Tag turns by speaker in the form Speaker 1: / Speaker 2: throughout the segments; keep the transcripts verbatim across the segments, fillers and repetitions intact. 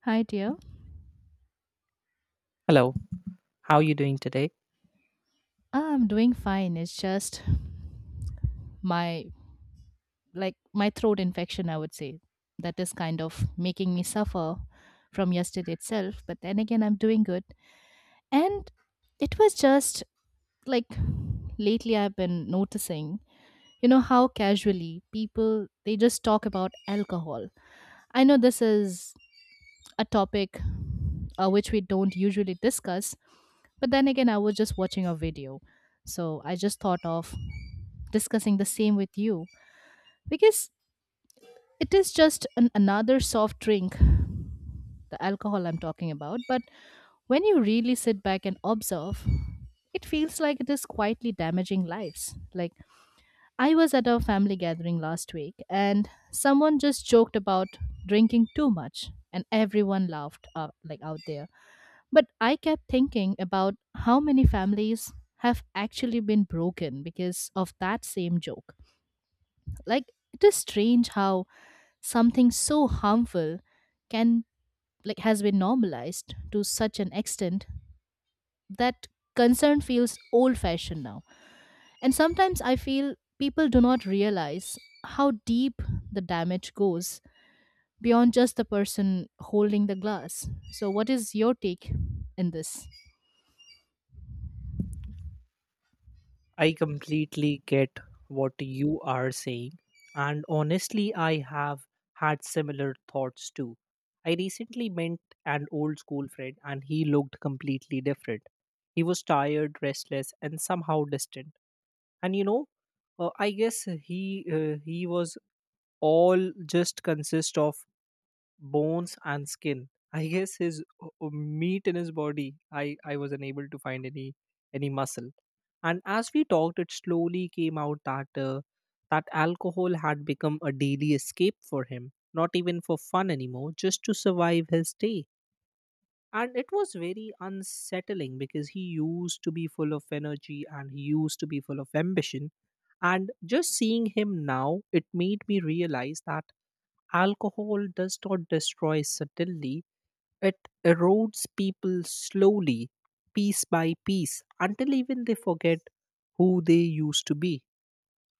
Speaker 1: Hi, dear.
Speaker 2: Hello, how are you doing today?
Speaker 1: I'm doing fine. It's just my like my throat infection, I would say, that is kind of making me suffer from yesterday itself. But then again, I'm doing good. And it was just like lately I've been noticing, you know, how casually people they just talk about alcohol. I know this is a topic uh, which we don't usually discuss. But then again, I was just watching a video. So I just thought of discussing the same with you because it is just an, another soft drink, the alcohol I'm talking about. But when you really sit back and observe, it feels like it is quietly damaging lives. Like I was at a family gathering last week and someone just joked about drinking too much and everyone laughed out, like out there, but I kept thinking about how many families have actually been broken because of that same joke. Like it is strange how something so harmful can, like has been normalized to such an extent that concern feels old fashioned now. And sometimes I feel people do not realize how deep the damage goes beyond just the person holding the glass. So what is your take in this?
Speaker 2: I completely get what you are saying. And honestly, I have had similar thoughts too. I recently met an old school friend and he looked completely different. He was tired, restless, and somehow distant. And you know, uh, I guess he uh, he was all just consist of bones and skin. I guess his uh, uh, meat in his body. I I was unable to find any any muscle. And as we talked, it slowly came out that uh, that alcohol had become a daily escape for him. Not even for fun anymore, just to survive his day. And it was very unsettling because he used to be full of energy and he used to be full of ambition. And just seeing him now, it made me realize that alcohol does not destroy suddenly, it erodes people slowly, piece by piece, until even they forget who they used to be,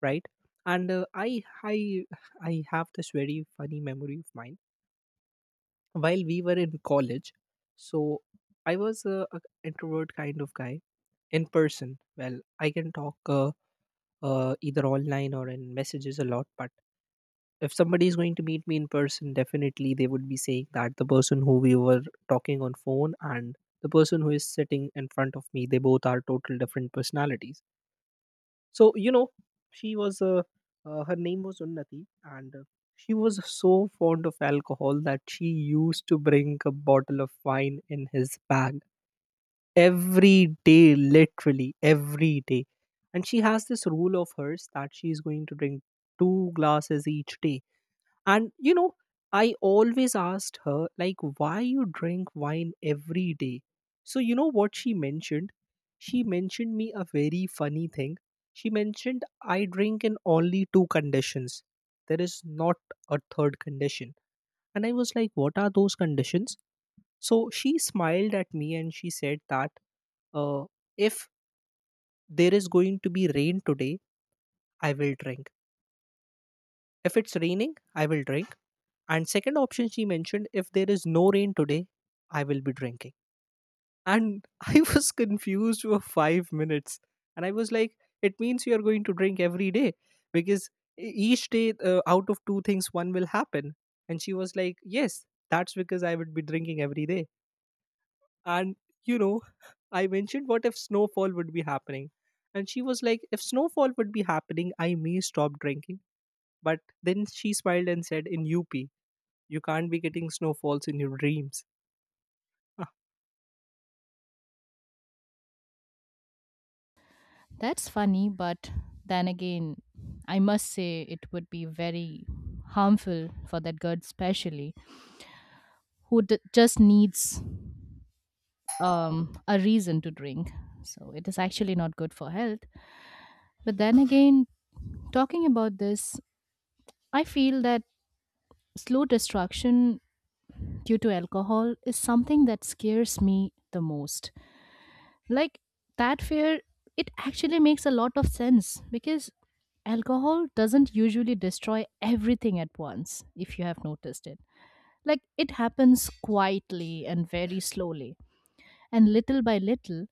Speaker 2: right? And uh, i i i have this very funny memory of mine while we were in college. So I was a, a introvert kind of guy in person. Well, I can talk, uh, uh, either online or in messages a lot, but if somebody is going to meet me in person, definitely they would be saying that the person who we were talking on phone and the person who is sitting in front of me, they both are total different personalities. So you know, she was uh, uh, her name was unnati, and uh, she was so fond of alcohol that she used to bring a bottle of wine in his bag every day, literally every day. And she has this rule of hers that she is going to drink two glasses each day. And you know, I always asked her, like, why you drink wine every day? So you know what she mentioned, she mentioned me a very funny thing. She mentioned, I drink in only two conditions. There is not a third condition. And I was like, what are those conditions? So she smiled at me and she said that, uh, if there is going to be rain today, I will drink. If it's raining, I will drink. And second option she mentioned, if there is no rain today, I will be drinking. And I was confused for five minutes. And I was like, it means you are going to drink every day because e- each day, uh, out of two things, one will happen. And she was like, yes, that's because I would be drinking every day. And, you know, I mentioned, what if snowfall would be happening? And she was like, if snowfall would be happening, I may stop drinking. But then she smiled and said, in U P. You can't be getting snowfalls in your dreams.
Speaker 1: That's funny, but then again, I must say it would be very harmful for that girl, especially who d- just needs um, a reason to drink. So it is actually not good for health. But then again, talking about this, I feel that slow destruction due to alcohol is something that scares me the most. Like that fear, it actually makes a lot of sense because alcohol doesn't usually destroy everything at once if you have noticed it. Like it happens quietly and very slowly, and little by little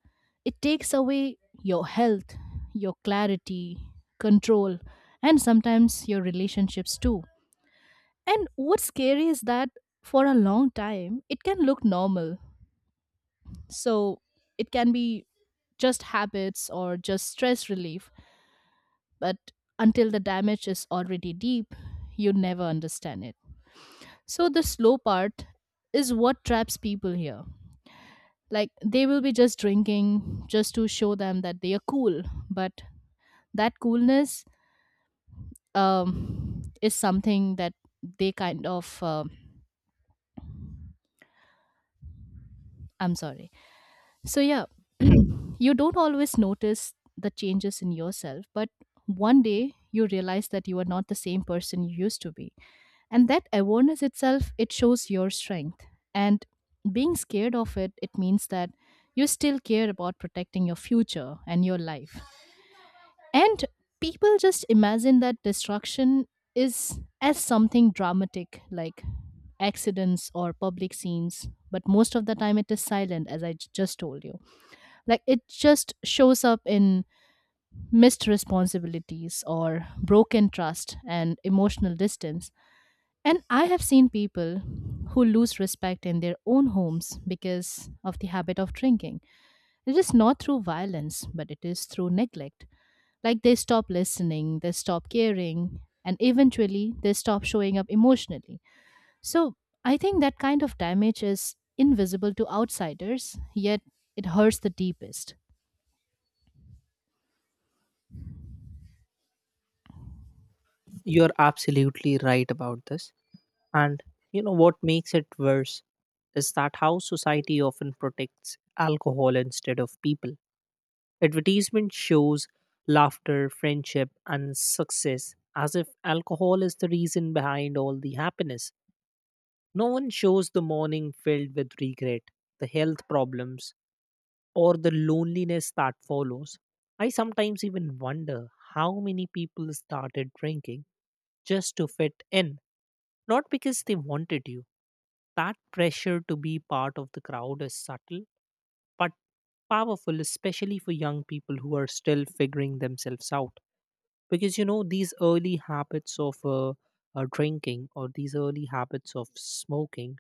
Speaker 1: it takes away your health, your clarity, control, and sometimes your relationships too. And what's scary is that for a long time it can look normal, so it can be just habits or just stress relief. But until the damage is already deep, you never understand it. So the slow part is what traps people here. Like they will be just drinking just to show them that they are cool, but that coolness um, is something that they kind of. um I'm sorry. So yeah,
Speaker 2: Hmm.
Speaker 1: you don't always notice the changes in yourself, but one day you realize that you are not the same person you used to be, and that awareness itself, it shows your strength. And being scared of it, it means that you still care about protecting your future and your life. And people just imagine that destruction is as something dramatic, like accidents or public scenes, but most of the time it is silent, as I j- just told you. Like it just shows up in missed responsibilities or broken trust and emotional distance. And I have seen people who lose respect in their own homes because of the habit of drinking. It is not through violence, but it is through neglect. Like they stop listening, they stop caring, and eventually they stop showing up emotionally. So I think that kind of damage is invisible to outsiders, yet it hurts the deepest.
Speaker 2: You're absolutely right about this. And you know what makes it worse is that how society often protects alcohol instead of people. Advertisement shows laughter, friendship, and success as if alcohol is the reason behind all the happiness. No one shows the morning filled with regret, the health problems, or the loneliness that follows. I sometimes even wonder how many people started drinking just to fit in, not because they wanted to. That pressure to be part of the crowd is subtle but powerful, especially for young people who are still figuring themselves out, because you know these early habits of uh, uh, drinking or these early habits of smoking,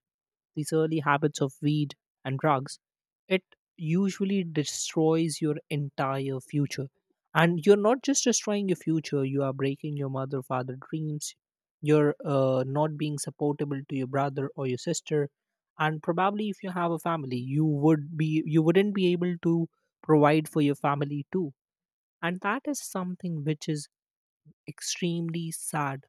Speaker 2: these early habits of weed and drugs, it usually destroys your entire future. And you're not just destroying your future, you are breaking your mother father dreams. You're uh, not being supportable to your brother or your sister. And probably if you have a family, you would be you wouldn't be able to provide for your family too. And that is something which is extremely sad.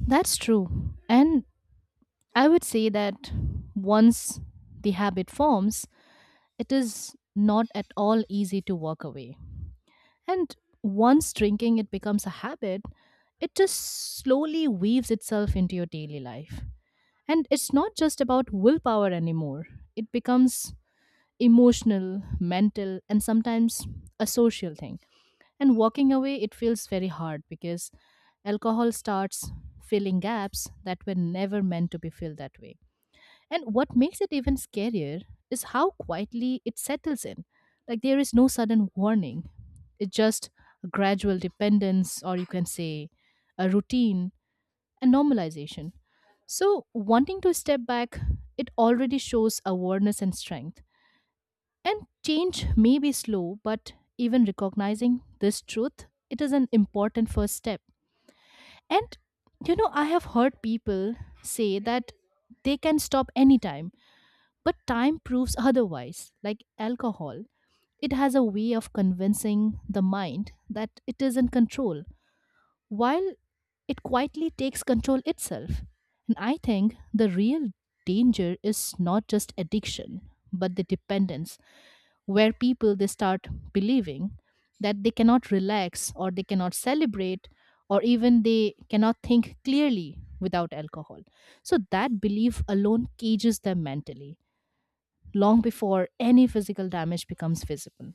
Speaker 1: That's true. And I would say that once the habit forms, it is not at all easy to walk away. And once drinking it becomes a habit, it just slowly weaves itself into your daily life. And it's not just about willpower anymore, it becomes emotional, mental, and sometimes a social thing. And walking away, it feels very hard because alcohol starts filling gaps that were never meant to be filled that way. And what makes it even scarier is how quietly it settles in. Like there is no sudden warning. It's just a gradual dependence, or you can say a routine, a normalization. So, wanting to step back, it already shows awareness and strength. And change may be slow, but even recognizing this truth, it is an important first step. And you know, I have heard people say that they can stop anytime, but time proves otherwise. Like alcohol, it has a way of convincing the mind that it is in control, while it quietly takes control itself. And I think the real danger is not just addiction, but the dependence, where people they start believing that they cannot relax or they cannot celebrate or even they cannot think clearly without alcohol. So that belief alone cages them mentally long before any physical damage becomes visible.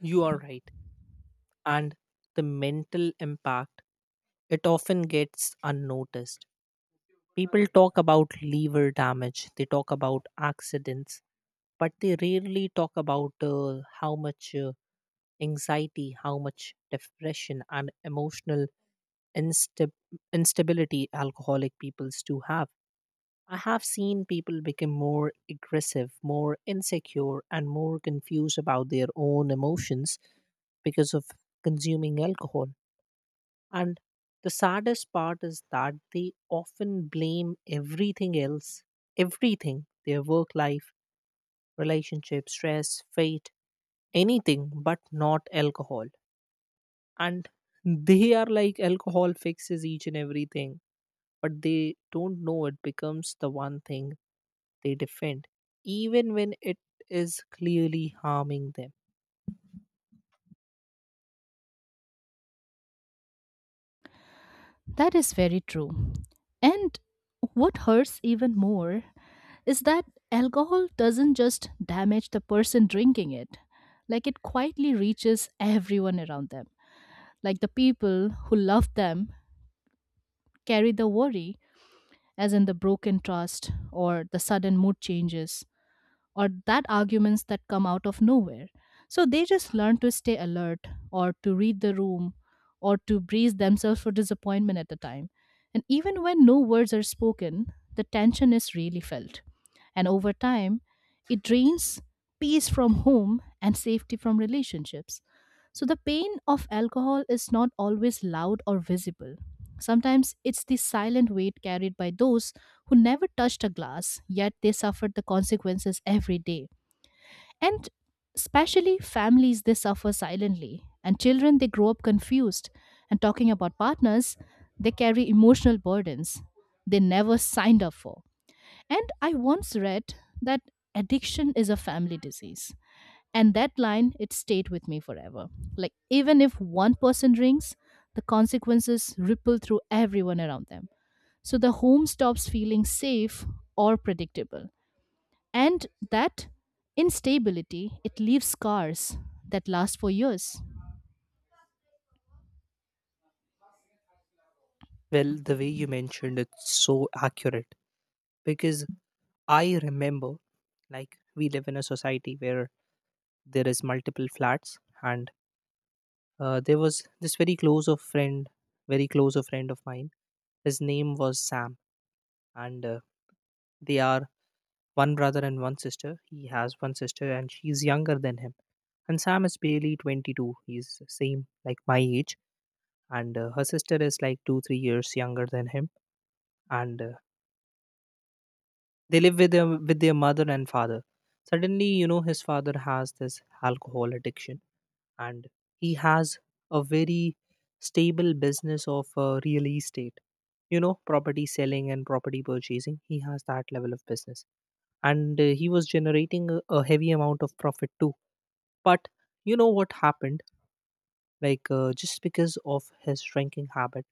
Speaker 2: You are right. And the mental impact, it often gets unnoticed. People talk about liver damage, they talk about accidents, but they rarely talk about uh, how much uh, anxiety, how much depression, and emotional instab- instability alcoholic peoples do have. I have seen people become more aggressive, more insecure, and more confused about their own emotions because of consuming alcohol. And the saddest part is that they often blame everything else, everything, their work life, relationship, stress, fate, anything but not alcohol. And they are like alcohol fixes each and everything, but they don't know it becomes the one thing they defend, even when it is clearly harming them.
Speaker 1: That is very true. And what hurts even more is that alcohol doesn't just damage the person drinking it, like it quietly reaches everyone around them. Like the people who love them carry the worry, as in the broken trust or the sudden mood changes or that arguments that come out of nowhere. So they just learn to stay alert or to read the room or to brace themselves for disappointment at the time. And even when no words are spoken, the tension is really felt. And over time, it drains peace from home and safety from relationships. So the pain of alcohol is not always loud or visible. Sometimes it's the silent weight carried by those who never touched a glass, yet they suffered the consequences every day. And especially families, they suffer silently. And children, they grow up confused. And talking about partners, they carry emotional burdens they never signed up for. And I once read that addiction is a family disease, and that line, it stayed with me forever. Like even if one person drinks, the consequences ripple through everyone around them. So the home stops feeling safe or predictable, and that instability, it leaves scars that last for years.
Speaker 2: Well, the way you mentioned it's so accurate because I remember, like, we live in a society where there is multiple flats, and uh, there was this very close of friend, very close of friend of mine. His name was Sam, and uh, they are one brother and one sister. He has one sister, and she's younger than him. And Sam is barely twenty-two. He's same like my age, and uh, her sister is like two, three years younger than him. And uh, they live with their with their mother and father. Suddenly, you know, his father has this alcohol addiction and he has a very stable business of uh, real estate, you know, property selling and property purchasing. He has that level of business. And uh, he was generating a, a heavy amount of profit too. But you know what happened, like, uh, just because of his drinking habit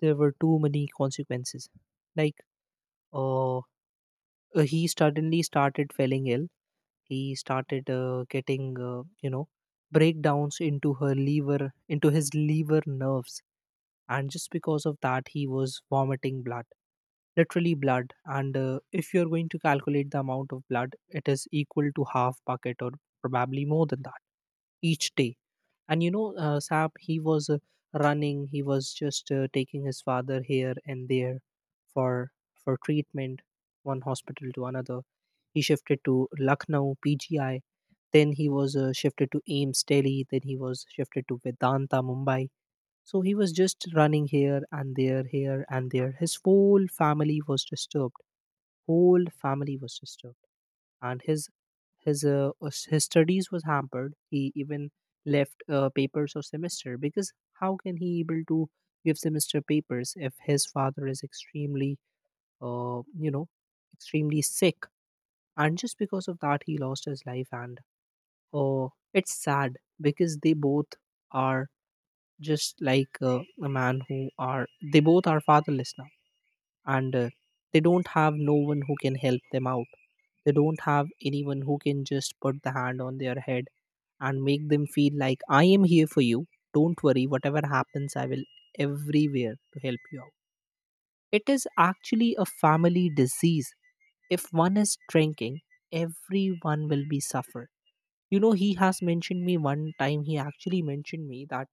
Speaker 2: there were too many consequences. Like uh, uh, he suddenly started feeling ill. He started uh, getting, uh, you know, breakdowns into her liver, into his liver nerves, and just because of that, he was vomiting blood, literally blood. And uh, if you're going to calculate the amount of blood, it is equal to half bucket or probably more than that each day. And you know, uh, Sap, he was uh, running. He was just uh, taking his father here and there for for treatment, one hospital to another. He shifted to Lucknow P G I. Then he was uh, shifted to Ames Delhi. Then he was shifted to Vedanta Mumbai. So he was just running here and there, here and there. His whole family was disturbed. Whole family was disturbed, and his his uh, us- his studies was hampered. He even left uh, papers or semester because how can he able to give semester papers if his father is extremely uh, you know extremely sick. And just because of that he lost his life. And oh, it's sad because they both are just like uh, a man who are, they both are fatherless now. And uh, they don't have no one who can help them out. They don't have anyone who can just put the hand on their head and make them feel like, I am here for you, don't worry, whatever happens I will everywhere to help you out. It is actually a family disease. If one is drinking, everyone will be suffer. You know, he has mentioned me one time. He actually mentioned me that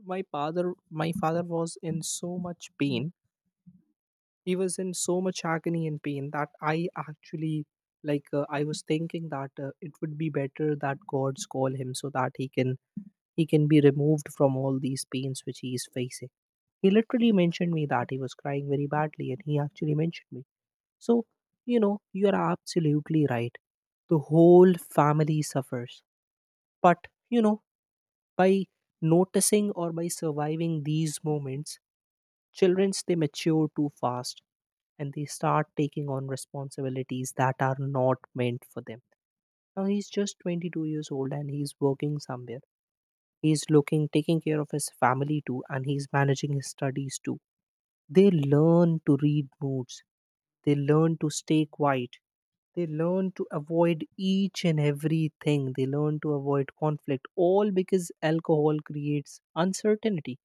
Speaker 2: my father, my father was in so much pain. He was in so much agony and pain that I actually, like, uh, I was thinking that uh, it would be better that gods call him so that he can he can be removed from all these pains which he is facing. He literally mentioned me that he was crying very badly and he actually mentioned me. So you know you are absolutely right, the whole family suffers. But you know, by noticing or by surviving these moments, children's they mature too fast, and they start taking on responsibilities that are not meant for them. Now he's just twenty-two years old and he's working somewhere. He's looking, taking care of his family too, and he's managing his studies too. They learn to read moods. They learn to stay quiet, they learn to avoid each and everything, they learn to avoid conflict, all because alcohol creates uncertainty.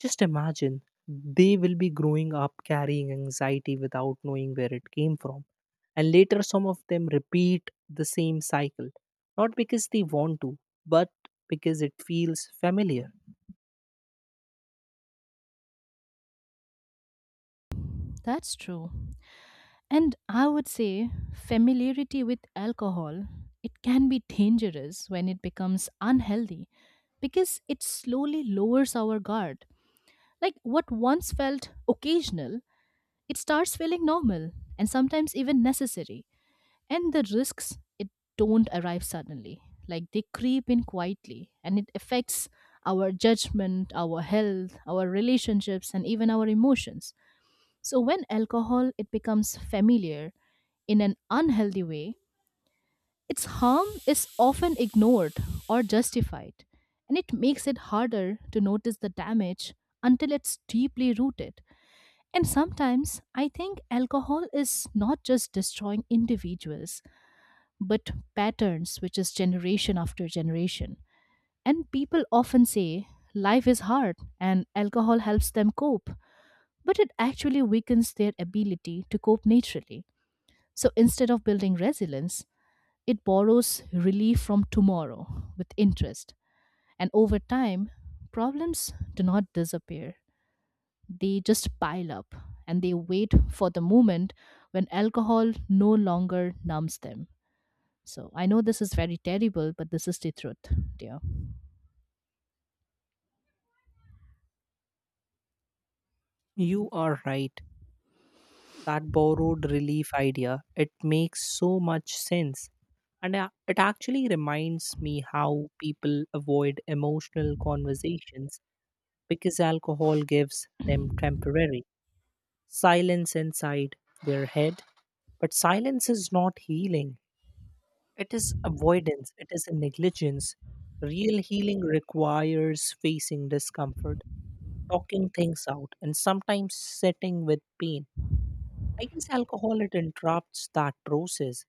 Speaker 2: Just imagine, they will be growing up carrying anxiety without knowing where it came from. And later, some of them repeat the same cycle, not because they want to, but because it feels familiar.
Speaker 1: That's true, and I would say familiarity with alcohol, it can be dangerous when it becomes unhealthy because it slowly lowers our guard. Like what once felt occasional, it starts feeling normal and sometimes even necessary. And the risks, it don't arrive suddenly. Like they creep in quietly and it affects our judgment, our health, our relationships, and even our emotions. So when alcohol it becomes familiar in an unhealthy way, its harm is often ignored or justified, and it makes it harder to notice the damage until it's deeply rooted. And sometimes I think alcohol is not just destroying individuals, but patterns, which is generation after generation. And people often say life is hard and alcohol helps them cope, but it actually weakens their ability to cope naturally. So instead of building resilience, it borrows relief from tomorrow with interest. And over time, problems do not disappear, they just pile up and they wait for the moment when alcohol no longer numbs them. So I know this is very terrible, but this is the truth, dear.
Speaker 2: You are right. That borrowed relief idea, it makes so much sense. And a- it actually reminds me how people avoid emotional conversations because alcohol gives them temporary silence inside their head. But silence is not healing, it is avoidance, it is a negligence. Real healing requires facing discomfort, talking things out, and sometimes sitting with pain. I guess alcohol it interrupts that process.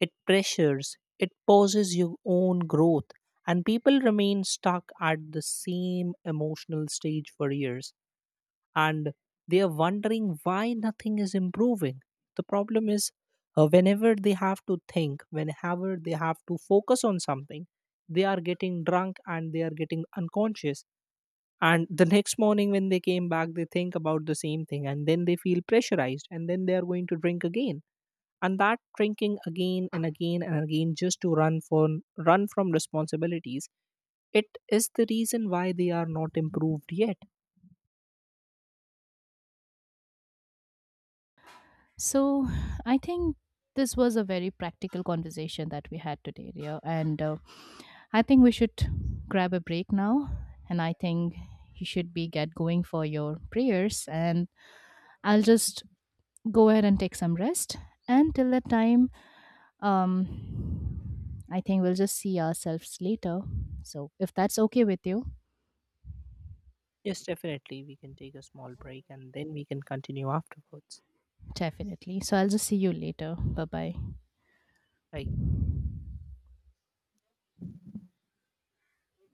Speaker 2: It pressures, it pauses your own growth, and people remain stuck at the same emotional stage for years, and they are wondering why nothing is improving. The problem is uh, whenever they have to think, whenever they have to focus on something, they are getting drunk and they are getting unconscious. And the next morning, when they came back, they think about the same thing and then they feel pressurized and then they are going to drink again. And that drinking again and again and again, just to run for run from responsibilities, it is the reason why they are not improved yet.
Speaker 1: So I think this was a very practical conversation that we had today, dear. And uh, I think we should grab a break now. And I think you should be get going for your prayers. And I'll just go ahead and take some rest. And till that time, um I think we'll just see ourselves later, so if that's okay with you.
Speaker 2: Yes, definitely. We can take a small break and then we can continue afterwards.
Speaker 1: Definitely, so I'll just see you later. Bye bye.
Speaker 2: I